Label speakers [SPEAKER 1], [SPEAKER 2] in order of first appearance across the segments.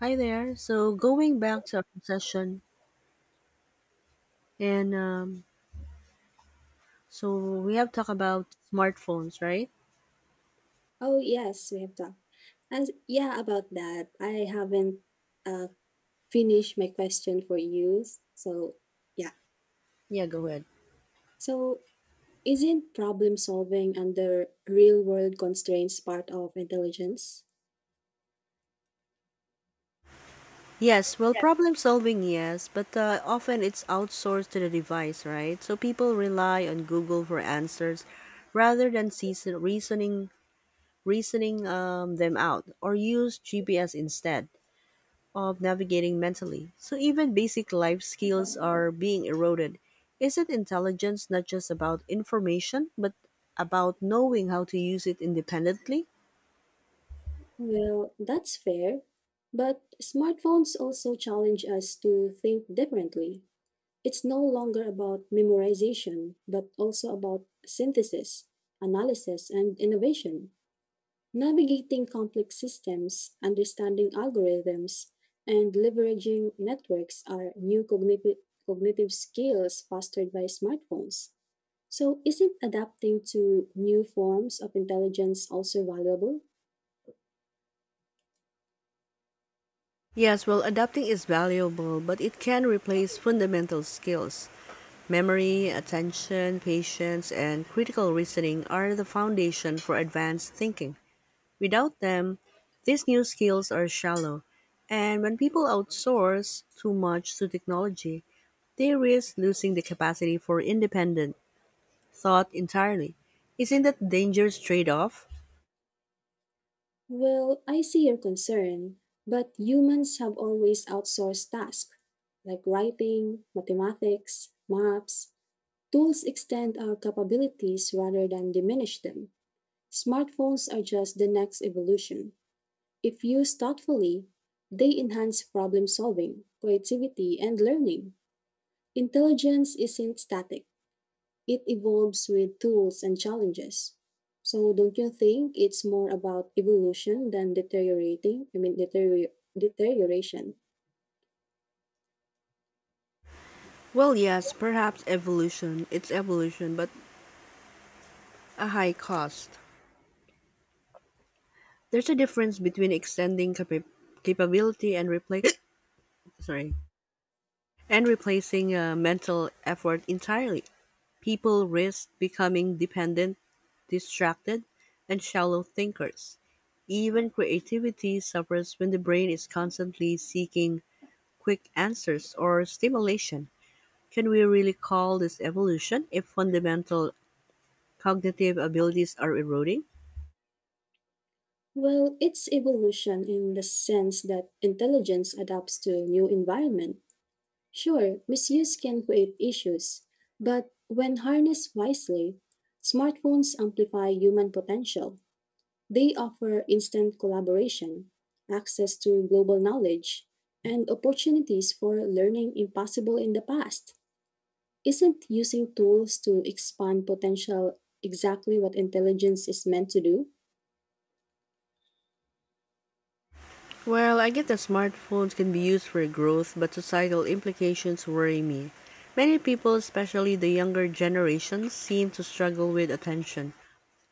[SPEAKER 1] Hi there. So going back to our session, and so we have talked about smartphones, right?
[SPEAKER 2] Oh, yes, we have talked. And yeah, about that, I haven't uh, finished my question for you. So, yeah.
[SPEAKER 1] Yeah, go ahead.
[SPEAKER 2] So, isn't problem solving under real world constraints part of intelligence?
[SPEAKER 1] Yes. Well,
[SPEAKER 2] Yes.
[SPEAKER 1] problem solving, yes, but often it's outsourced to the device, right? So people rely on Google for answers rather than reasoning them out or use GPS instead of navigating mentally. So even basic life skills are being eroded. Isn't intelligence not just about information, but about knowing how to use it independently?
[SPEAKER 2] Well, that's fair. But smartphones also challenge us to think differently. It's no longer about memorization, but also about synthesis, analysis, and innovation. Navigating complex systems, understanding algorithms, and leveraging networks are new cognitive skills fostered by smartphones. So, isn't adapting to new forms of intelligence also valuable?
[SPEAKER 1] Yes, well, adapting is valuable, but it can replace fundamental skills. Memory, attention, patience, and critical reasoning are the foundation for advanced thinking. Without them, these new skills are shallow. And when people outsource too much to technology, they risk losing the capacity for independent thought entirely. Isn't that dangerous trade-off?
[SPEAKER 2] Well, I see your concern, but humans have always outsourced tasks like writing, mathematics, maps. Tools extend our capabilities rather than diminish them. Smartphones are just the next evolution. If used thoughtfully, they enhance problem solving, creativity, and learning. Intelligence isn't static, it evolves with tools and challenges. So, don't you think it's more about evolution than deteriorating? I mean, deterioration.
[SPEAKER 1] Well, yes, perhaps evolution. It's evolution, but a high cost. There's a difference between capability and replace sorry, and replacing mental effort entirely. People risk becoming dependent, distracted, and shallow thinkers. Even creativity suffers when the brain is constantly seeking quick answers or stimulation. Can we really call this evolution if fundamental cognitive abilities are eroding?
[SPEAKER 2] Well, it's evolution in the sense that intelligence adapts to a new environment. Sure, misuse can create issues, but when harnessed wisely, smartphones amplify human potential. They offer instant collaboration, access to global knowledge, and opportunities for learning impossible in the past. Isn't using tools to expand potential exactly what intelligence is meant to do?
[SPEAKER 1] Well, I get that smartphones can be used for growth, but societal implications worry me. Many people, especially the younger generations, seem to struggle with attention,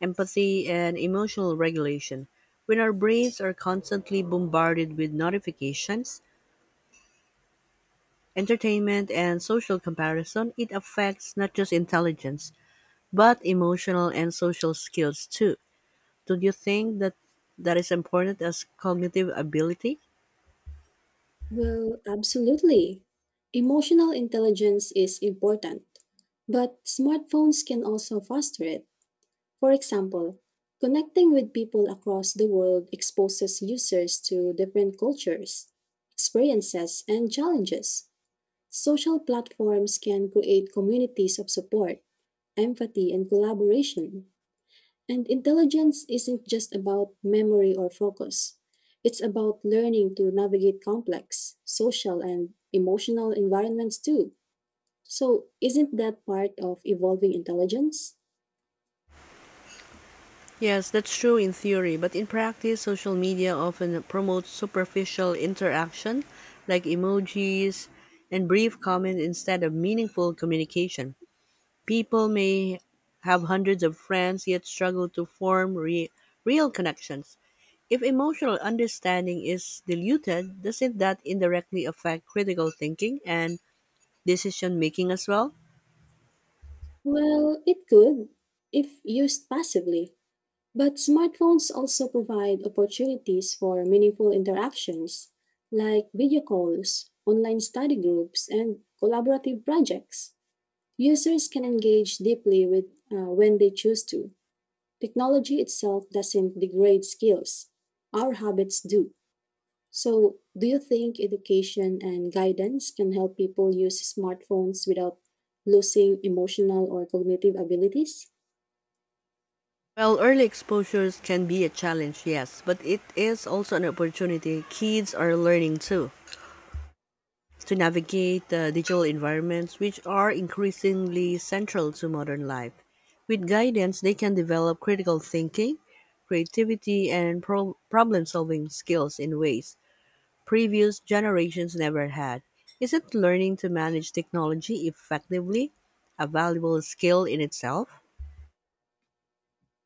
[SPEAKER 1] empathy, and emotional regulation. When our brains are constantly bombarded with notifications, entertainment, and social comparison, it affects not just intelligence, but emotional and social skills too. Do you think that is important as cognitive ability?
[SPEAKER 2] Well, absolutely. Emotional intelligence is important, but smartphones can also foster it. For example, connecting with people across the world exposes users to different cultures, experiences, and challenges. Social platforms can create communities of support, empathy, and collaboration. And intelligence isn't just about memory or focus. It's about learning to navigate complex social and emotional environments too. So, isn't that part of evolving intelligence?
[SPEAKER 1] Yes, that's true in theory, but in practice, social media often promotes superficial interaction like emojis and brief comment instead of meaningful communication. People may have hundreds of friends yet struggle to form real connections. If emotional understanding is diluted, doesn't that indirectly affect critical thinking and decision making as well?
[SPEAKER 2] Well, it could, if used passively, but smartphones also provide opportunities for meaningful interactions like video calls, online study groups, and collaborative projects. Users can engage deeply with when they choose to. Technology itself doesn't degrade skills. Our habits do. So, do you think education and guidance can help people use smartphones without losing emotional or cognitive abilities?
[SPEAKER 1] Well, early exposures can be a challenge, yes, but it is also an opportunity. Kids are learning too to navigate the digital environments, which are increasingly central to modern life. With guidance, they can develop critical thinking, creativity, and problem solving skills in ways previous generations never had. Isn't learning to manage technology effectively a valuable skill in itself?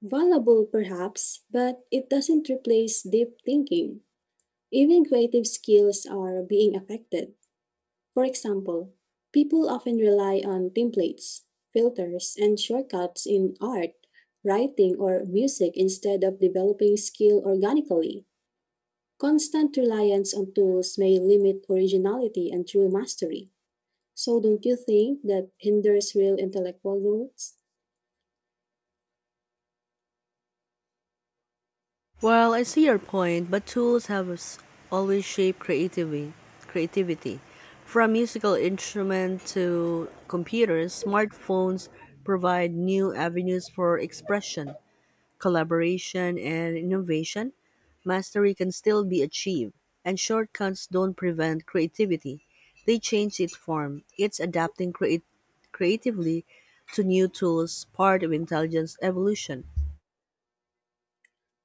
[SPEAKER 2] Valuable, perhaps, but it doesn't replace deep thinking. Even creative skills are being affected. For example, people often rely on templates, filters, and shortcuts in art, writing, or music instead of developing skill organically. Constant reliance on tools may limit originality and true mastery. So, don't you think that hinders real intellectual growth?
[SPEAKER 1] Well, I see your point, but tools have always shaped creativity. Creativity, from musical instruments to computers, smartphones provide new avenues for expression, collaboration, and innovation. Mastery can still be achieved, and shortcuts don't prevent creativity. They change its form. It's creatively to new tools, part of intelligence evolution.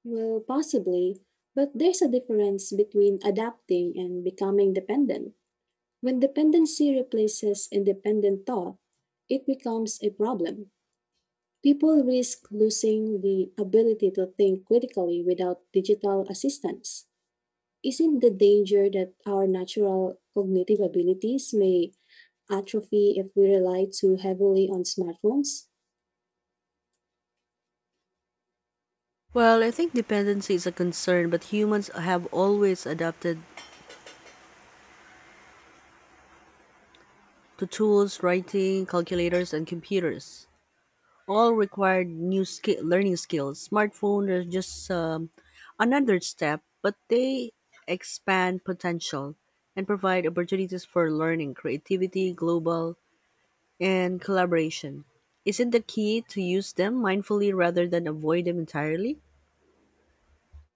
[SPEAKER 2] Well, possibly, but there's a difference between adapting and becoming dependent. When dependency replaces independent thought, it becomes a problem. People risk losing the ability to think critically without digital assistance. Isn't the danger that our natural cognitive abilities may atrophy if we rely too heavily on smartphones?
[SPEAKER 1] Well, I think dependency is a concern, but humans have always adapted to tools, writing, calculators, and computers. All required learning skills. Smartphone is just another step, but they expand potential and provide opportunities for learning, creativity, global, and collaboration. Isn't the key to use them mindfully rather than avoid them entirely?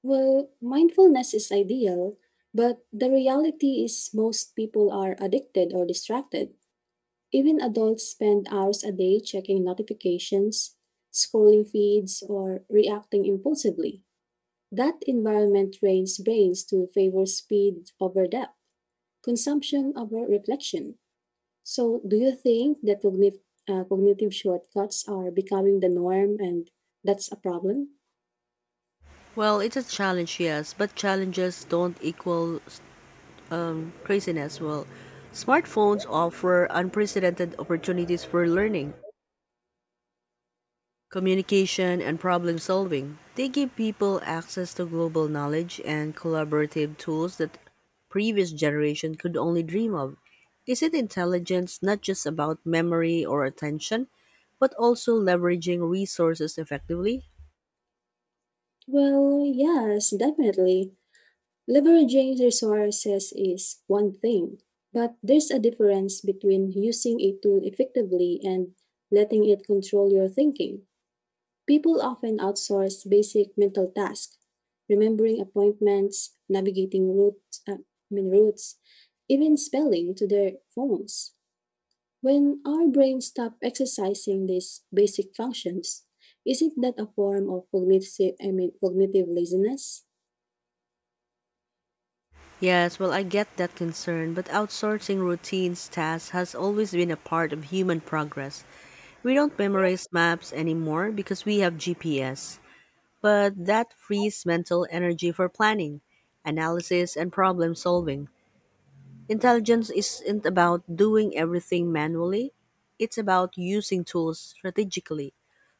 [SPEAKER 2] Well, mindfulness is ideal, but the reality is most people are addicted or distracted. Even adults spend hours a day checking notifications, scrolling feeds, or reacting impulsively. That environment trains brains to favor speed over depth, consumption over reflection. So, do you think that cognitive shortcuts are becoming the norm and that's a problem?
[SPEAKER 1] Well, it's a challenge, yes, but challenges don't equal craziness, well, smartphones offer unprecedented opportunities for learning, communication, and problem solving. They give people access to global knowledge and collaborative tools that previous generation could only dream of. Isn't intelligence not just about memory or attention, but also leveraging resources effectively?
[SPEAKER 2] Well, yes, definitely. Leveraging resources is one thing, but there's a difference between using a tool effectively and letting it control your thinking. People often outsource basic mental tasks, remembering appointments, navigating routes, I mean routes, even spelling to their phones. When our brains stop exercising these basic functions, isn't that a form of cognitive, I mean, cognitive laziness?
[SPEAKER 1] Yes, well, I get that concern, but outsourcing routines tasks has always been a part of human progress. We don't memorize maps anymore because we have GPS, but that frees mental energy for planning, analysis, and problem solving. Intelligence isn't about doing everything manually, it's about using tools strategically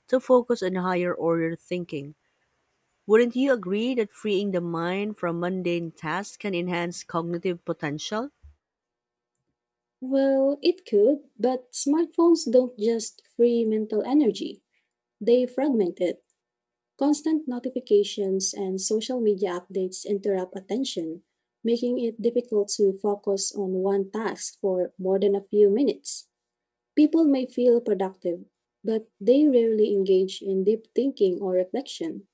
[SPEAKER 1] to focus on higher order thinking. Wouldn't you agree that freeing the mind from mundane tasks can enhance cognitive potential?
[SPEAKER 2] Well, it could, but smartphones don't just free mental energy, they fragment it. Constant notifications and social media updates interrupt attention, making it difficult to focus on one task for more than a few minutes. People may feel productive, but they rarely engage in deep thinking or reflection.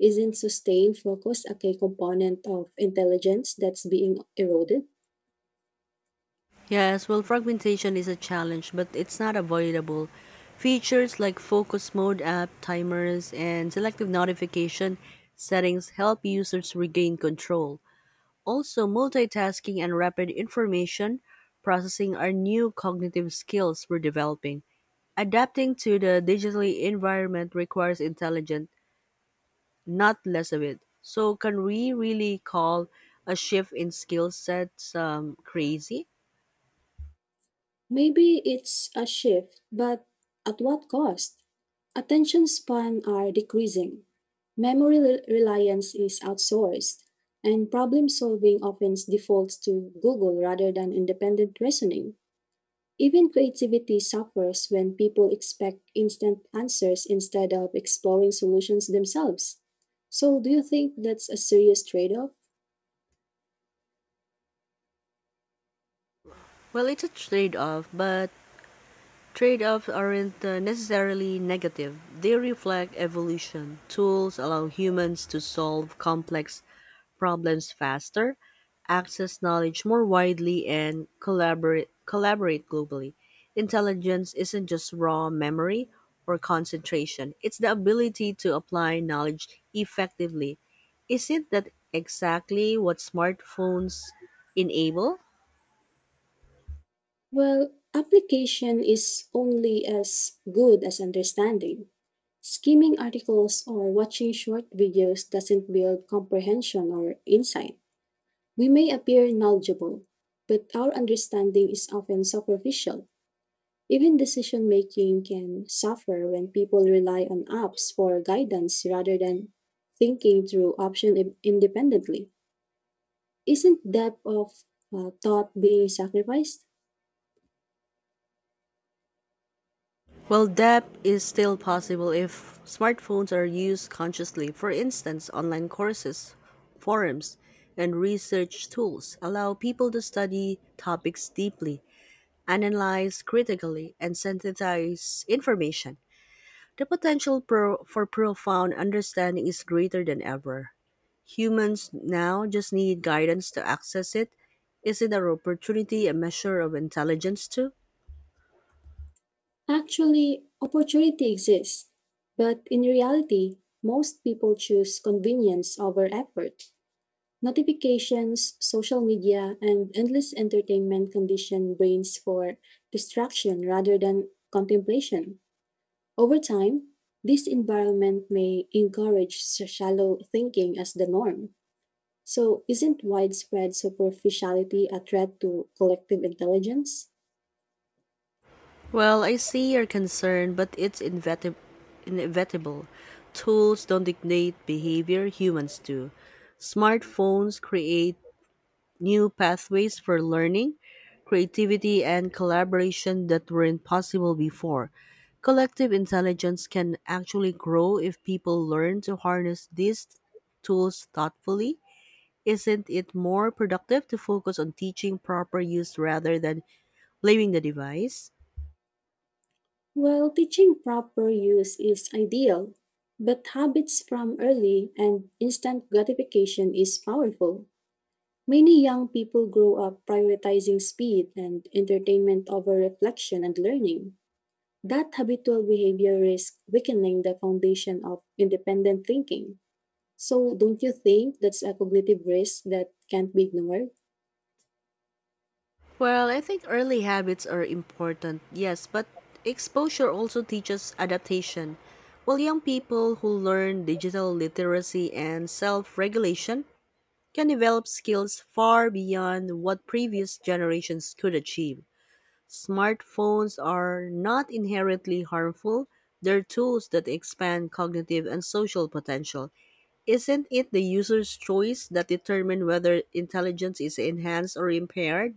[SPEAKER 2] Isn't sustained focus a key component of intelligence that's being eroded?
[SPEAKER 1] Yes, well, fragmentation is a challenge, but it's not avoidable. Features like focus mode app, timers, and selective notification settings help users regain control. Also, multitasking and rapid information processing are new cognitive skills we're developing. Adapting to the digitally environment requires intelligence, not less of it. So, can we really call a shift in skill sets crazy?
[SPEAKER 2] Maybe it's a shift, but at what cost? Attention span are decreasing. Reliance is outsourced, and problem solving often defaults to Google rather than independent reasoning. Even creativity suffers when people expect instant answers instead of exploring solutions themselves. So, do you think that's a serious trade off?
[SPEAKER 1] Well, it's a trade off, but trade offs aren't necessarily negative, they reflect evolution. Tools allow humans to solve complex problems faster, access knowledge more widely, and collaborate globally. Intelligence isn't just raw memory or concentration, it's the ability to apply knowledge effectively. Isn't that exactly what smartphones enable?
[SPEAKER 2] Well, application is only as good as understanding. Skimming articles or watching short videos doesn't build comprehension or insight. We may appear knowledgeable, but our understanding is often superficial. Even decision making can suffer when people rely on apps for guidance rather than thinking through options independently. Isn't depth of thought being sacrificed?
[SPEAKER 1] Well, depth is still possible if smartphones are used consciously. For instance, online courses, forums, and research tools allow people to study topics deeply, analyze critically, and synthesize information. The for profound understanding is greater than ever. Humans now just need guidance to access it. Is it an opportunity, a measure of intelligence too?
[SPEAKER 2] Actually, opportunity exists, but in reality, most people choose convenience over effort. Notifications, social media, and endless entertainment condition brains for distraction rather than contemplation. Over time, this environment may encourage shallow thinking as the norm. So, isn't widespread superficiality a threat to collective intelligence?
[SPEAKER 1] Well, I see your concern, but it's inevitable. Tools don't dictate behavior, humans do. Smartphones create new pathways for learning, creativity, and collaboration that weren't possible before. Collective intelligence can actually grow if people learn to harness these tools thoughtfully. Isn't it more productive to focus on teaching proper use rather than blaming the device?
[SPEAKER 2] Well, teaching proper use is ideal, but habits from early and instant gratification is powerful. Many young people grow up prioritizing speed and entertainment over reflection and learning. That habitual behavior risks weakening the foundation of independent thinking. So, don't you think that's a cognitive risk that can't be ignored?
[SPEAKER 1] Well, I think early habits are important, yes, but exposure also teaches adaptation. While young people who learn digital literacy and self regulation can develop skills far beyond what previous generations could achieve. Smartphones are not inherently harmful, they're tools that expand cognitive and social potential. Isn't it the user's choice that determines whether intelligence is enhanced or impaired?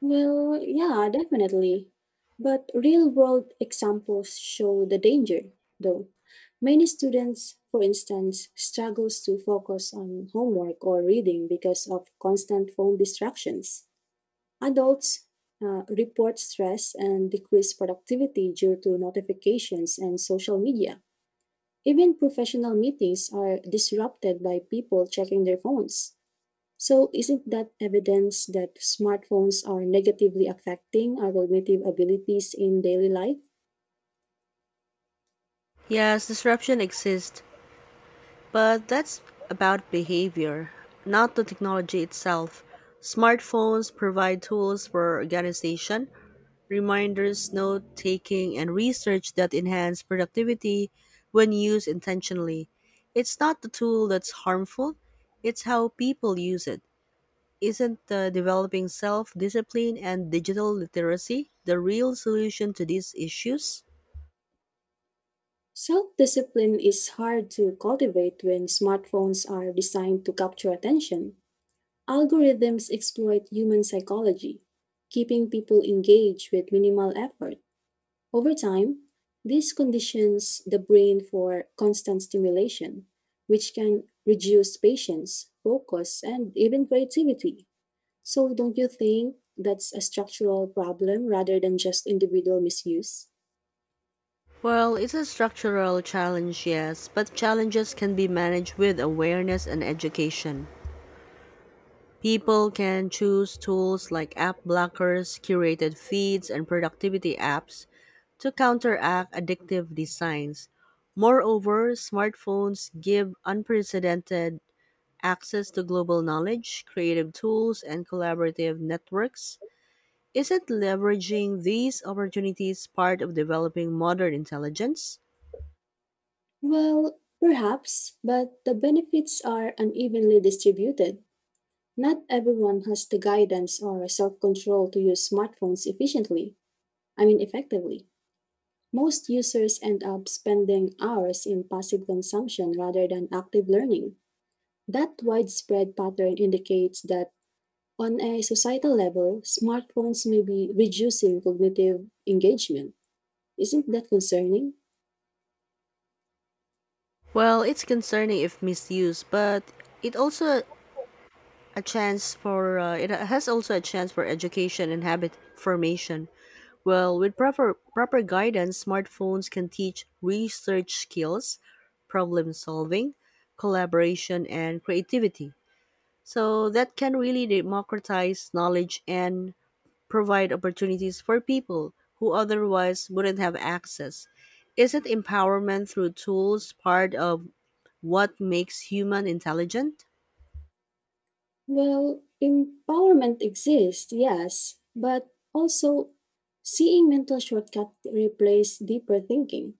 [SPEAKER 2] Well, yeah, definitely. But real world examples show the danger, though. Many students, for instance, struggles to focus on homework or reading because of constant phone distractions. Adults report stress and decreased productivity due to notifications and social media. Even professional meetings are disrupted by people checking their phones. So, isn't that evidence that smartphones are negatively affecting our cognitive abilities in daily life?
[SPEAKER 1] Yes, disruption exists, but that's about behavior, not the technology itself. Smartphones provide tools for organization, reminders, note taking, and research that enhance productivity when used intentionally. It's not the tool that's harmful, it's how people use it. Isn't developing self discipline and digital literacy the real solution to these issues?
[SPEAKER 2] Self discipline is hard to cultivate when smartphones are designed to capture attention. Algorithms exploit human psychology, keeping people engaged with minimal effort. Over time, this conditions the brain for constant stimulation, which can reduce patience, focus, and even creativity. So, don't you think that's a structural problem rather than just individual misuse?
[SPEAKER 1] Well, it's a structural challenge, yes, but challenges can be managed with awareness and education. People can choose tools like app blockers, curated feeds, and productivity apps to counteract addictive designs. Moreover, smartphones give unprecedented access to global knowledge, creative tools, and collaborative networks. Isn't leveraging these opportunities part of developing modern intelligence?
[SPEAKER 2] Well, perhaps, but the benefits are unevenly distributed. Not everyone has the guidance or self control to use smartphones efficiently, I mean, effectively. Most users end up spending hours in passive consumption rather than active learning. That widespread pattern indicates that on a societal level, smartphones may be reducing cognitive engagement. Isn't that concerning?
[SPEAKER 1] Well, it's concerning if misused, but it also it has also a chance for education and habit formation. Well, with proper guidance, smartphones can teach research skills, problem solving, collaboration and creativity. So that can really democratize knowledge and provide opportunities for people who otherwise wouldn't have access. Isn't empowerment through tools part of what makes human intelligent?
[SPEAKER 2] Well, empowerment exists, yes, but also seeing mental shortcut replace deeper thinking.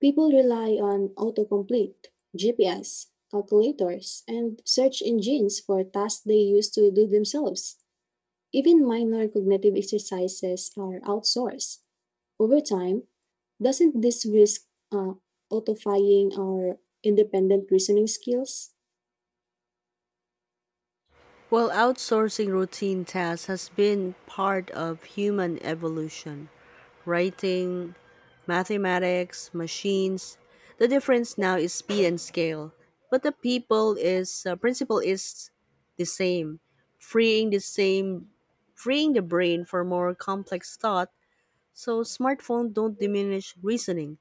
[SPEAKER 2] People rely on autocomplete, GPS, calculators, and search engines for tasks they used to do themselves. Even minor cognitive exercises are outsourced. Over time, doesn't this risk autofying our independent reasoning skills?
[SPEAKER 1] Well, outsourcing routine tasks has been part of human evolution. Writing, mathematics, machines. The difference now is speed and scale, but the people is principle is the same, freeing the same freeing the brain for more complex thought, so smartphones don't diminish reasoning.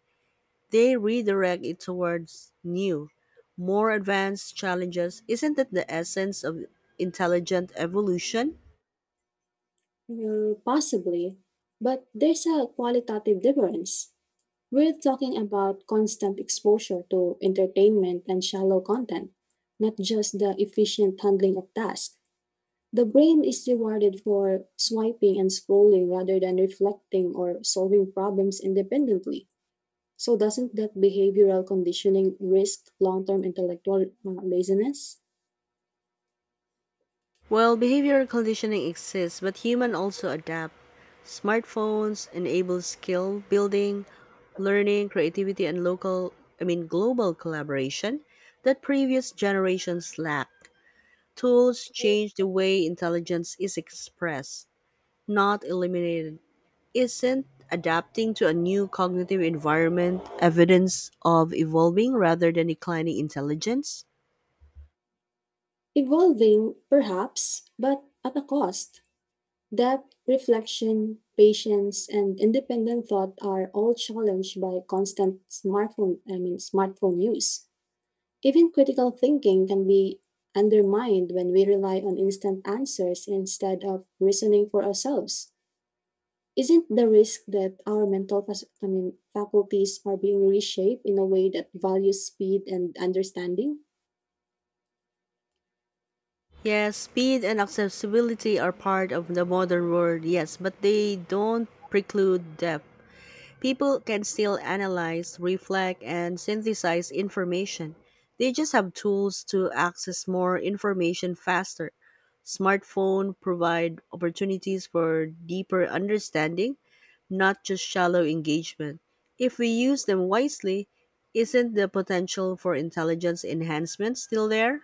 [SPEAKER 1] They redirect it towards new, more advanced challenges. Isn't that the essence of intelligent evolution?
[SPEAKER 2] Well, possibly, but there's a qualitative difference. We're talking about constant exposure to entertainment and shallow content, not just the efficient handling of tasks. The brain is rewarded for swiping and scrolling rather than reflecting or solving problems independently. So, doesn't that behavioral conditioning risk long term intellectual laziness?
[SPEAKER 1] Well, behavioral conditioning exists, but humans also adapt. Smartphones enable skill building, learning, creativity, and global collaboration that previous generations lacked. Tools change the way intelligence is expressed, not eliminated. Isn't adapting to a new cognitive environment evidence of evolving rather than declining intelligence?
[SPEAKER 2] Evolving, perhaps, but at a cost. Depth, reflection, patience, and independent thought are all challenged by constant smartphone use. Even critical thinking can be undermined when we rely on instant answers instead of reasoning for ourselves. Isn't the risk that our mental fac- I mean, faculties are being reshaped in a way that values speed and understanding?
[SPEAKER 1] Yes, speed and accessibility are part of the modern world, yes, but they don't preclude depth. People can still analyze, reflect, and synthesize information. They just have tools to access more information faster. Smartphone provide opportunities for deeper understanding, not just shallow engagement. If we use them wisely, isn't the potential for intelligence enhancement still there?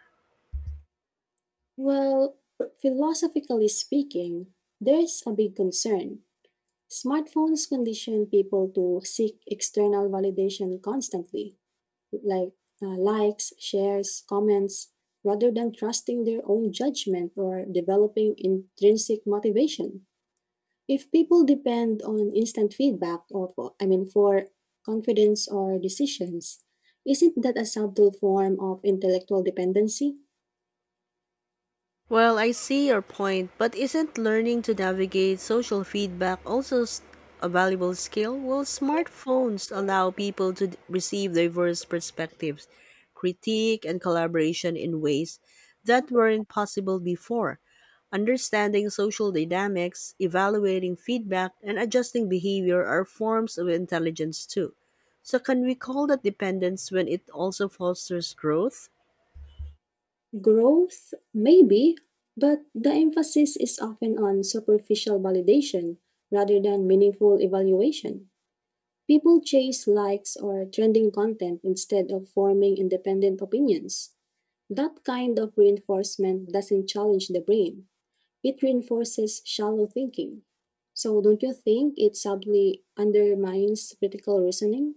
[SPEAKER 2] Well, philosophically speaking, there's a big concern. Smartphones condition people to seek external validation constantly. Like likes, shares, comments, rather than trusting their own judgment or developing intrinsic motivation. If people depend on instant feedback or for, I mean for confidence or decisions, isn't that a subtle form of intellectual dependency?
[SPEAKER 1] Well, I see your point, but isn't learning to navigate social feedback also a valuable skill? Well, smartphones allow people to receive diverse perspectives, critique, and collaboration in ways that weren't possible before. Understanding social dynamics, evaluating feedback, and adjusting behavior are forms of intelligence too. So, can we call that dependence when it also fosters growth?
[SPEAKER 2] Growth, maybe, but the emphasis is often on superficial validation rather than meaningful evaluation. People chase likes or trending content instead of forming independent opinions. That kind of reinforcement doesn't challenge the brain, it reinforces shallow thinking. So, don't you think it subtly undermines critical reasoning?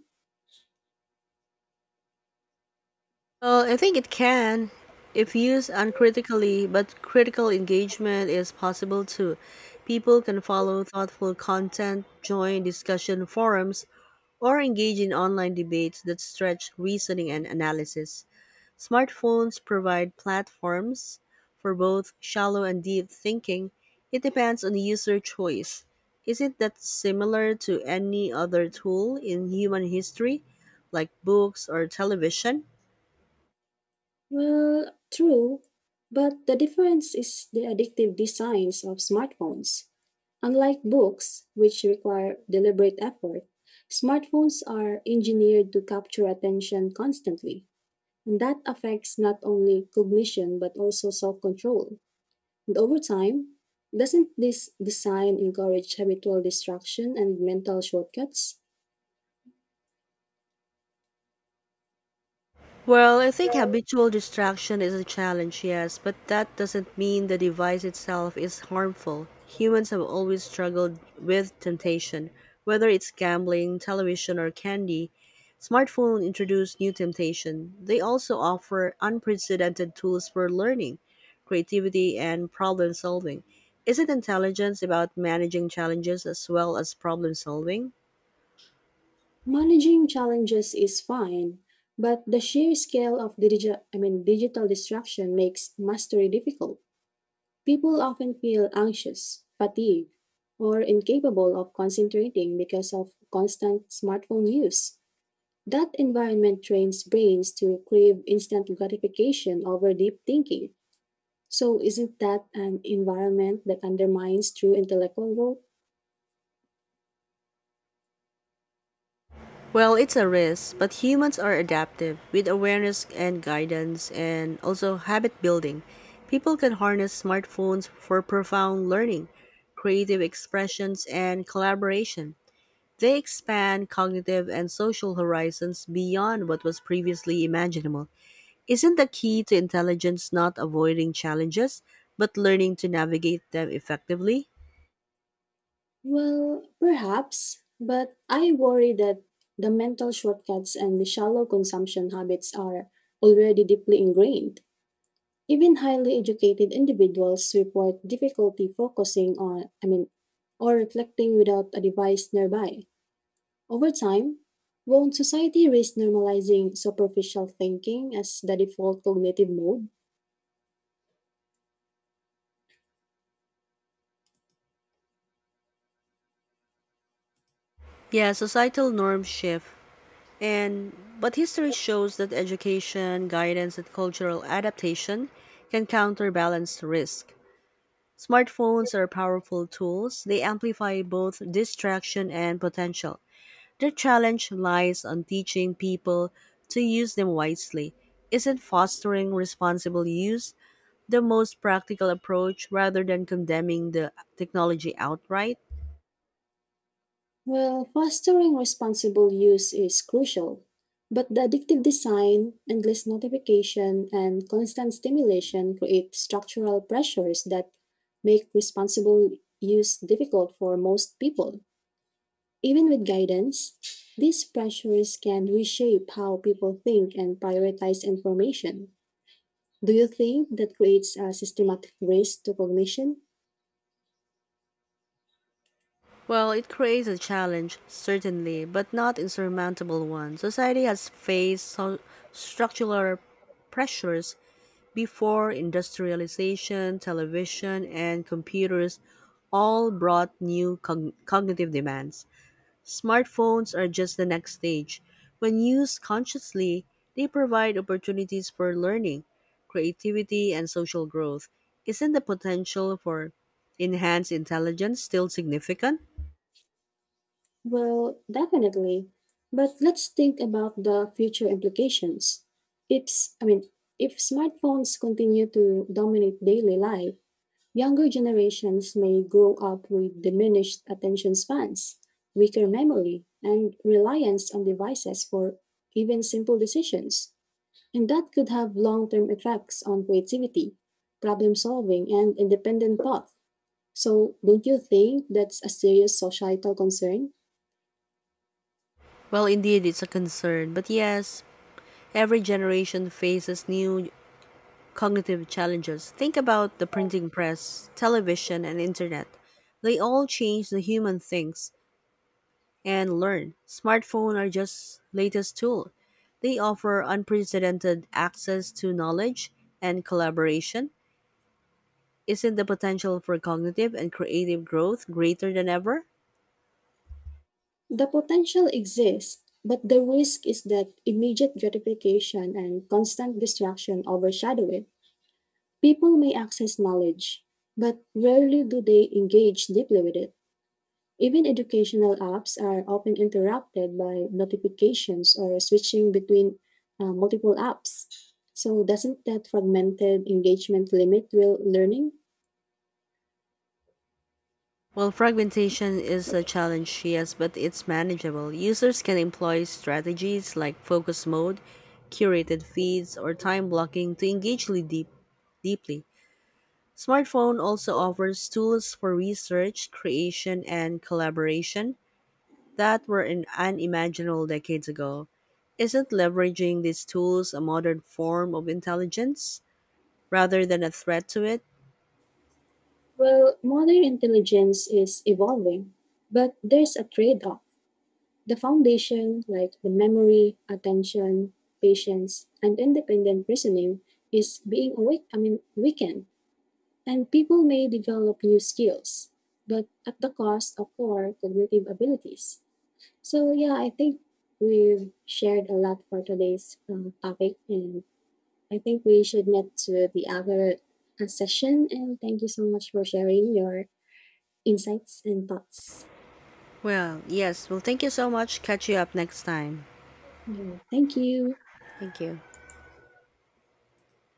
[SPEAKER 1] Well, I think it can if used uncritically, but critical engagement is possible too. People can follow thoughtful content, join discussion forums, or engage in online debates that stretch reasoning and analysis. Smartphones provide platforms for both shallow and deep thinking. It depends on the user choice. Isn't that similar to any other tool in human history, like books or television?
[SPEAKER 2] Well, true, but the difference is the addictive designs of smartphones. Unlike books, which require deliberate effort, smartphones are engineered to capture attention constantly. That affects not only cognition but also self control. And over time, doesn't this design encourage habitual distraction and mental shortcuts?
[SPEAKER 1] Well, I think habitual distraction is a challenge, yes, but that doesn't mean the device itself is harmful. Humans have always struggled with temptation, whether it's gambling, television, or candy. Smartphones introduce new temptation. They also offer unprecedented tools for learning, creativity, and problem solving. Is it intelligence about managing challenges as well as problem solving?
[SPEAKER 2] Managing challenges is fine, but the sheer scale of digital distraction makes mastery difficult. People often feel anxious, fatigued, or incapable of concentrating because of constant smartphone use. That environment trains brains to crave instant gratification over deep thinking. So, isn't that an environment that undermines true intellectual growth?
[SPEAKER 1] Well, it's a risk, but humans are adaptive. With awareness and guidance and also habit building, people can harness smartphones for profound learning, creative expressions, and collaboration. They expand cognitive and social horizons beyond what was previously imaginable. Isn't the key to intelligence not avoiding challenges, but learning to navigate them effectively?
[SPEAKER 2] Well, perhaps, but I worry that the mental shortcuts and the shallow consumption habits are already deeply ingrained. Even highly educated individuals report difficulty focusing on, I mean, or reflecting without a device nearby. Over time, won't society risk normalizing superficial thinking as the default cognitive mode?
[SPEAKER 1] Yeah, societal norms shift. And but history shows that education, guidance, and cultural adaptation can counterbalance risk. Smartphones are powerful tools. They amplify both distraction and potential. The challenge lies on teaching people to use them wisely. Isn't fostering responsible use the most practical approach rather than condemning the technology outright?
[SPEAKER 2] Well, fostering responsible use is crucial, but the addictive design, endless notification, and constant stimulation create structural pressures that make responsible use difficult for most people. Even with guidance, these pressures can reshape how people think and prioritize information. Do you think that creates a systematic risk to cognition?
[SPEAKER 1] Well, it creates a challenge, certainly, but not insurmountable one. Society has faced structural pressures before industrialization, television, and computers all brought new cogn cognitive demands. Smartphones are just the next stage. When used consciously, they provide opportunities for learning, creativity, and social growth. Isn't the potential for enhanced intelligence still significant?
[SPEAKER 2] Well, definitely. But let's think about the future implications. If, s- I mean, If smartphones continue to dominate daily life, younger generations may grow up with diminished attention spans, weaker memory, and reliance on devices for even simple decisions. And that could have long term effects on creativity, problem solving, and independent thought. So, don't you think that's a serious societal concern?
[SPEAKER 1] Well, indeed, it's a concern. But yes, every generation faces new cognitive challenges. Think about the printing press, television, and internet. They all change the human thinks and learn. Smartphone are just latest tool. They offer unprecedented access to knowledge and collaboration. Isn't the potential for cognitive and creative growth greater than ever?
[SPEAKER 2] The potential exists, but the risk is that immediate gratification and constant distraction overshadow it. People may access knowledge, but rarely do they engage deeply with it. Even educational apps are often interrupted by notifications or switching between multiple apps. So, doesn't that fragmented engagement limit real learning?
[SPEAKER 1] While fragmentation is a challenge, yes, but it's manageable. Users can employ strategies like focus mode, curated feeds, or time blocking to deeply. Smartphone also offers tools for research, creation, and collaboration that were unimaginable decades ago. Isn't leveraging these tools a modern form of intelligence rather than a threat to it?
[SPEAKER 2] Well, modern intelligence is evolving, but there's a trade off. The foundation, like the memory, attention, patience, and independent reasoning, is being awake, I mean, weakened, and people may develop new skills, but at the cost of poor cognitive abilities. So, yeah, I think we've shared a lot for today's topic, and I think we should meet to the other session. And thank you so much for sharing your insights and thoughts.
[SPEAKER 1] Well, yes. Well, thank you so much. Catch you up next time.
[SPEAKER 2] Yeah, thank you.
[SPEAKER 1] Thank you.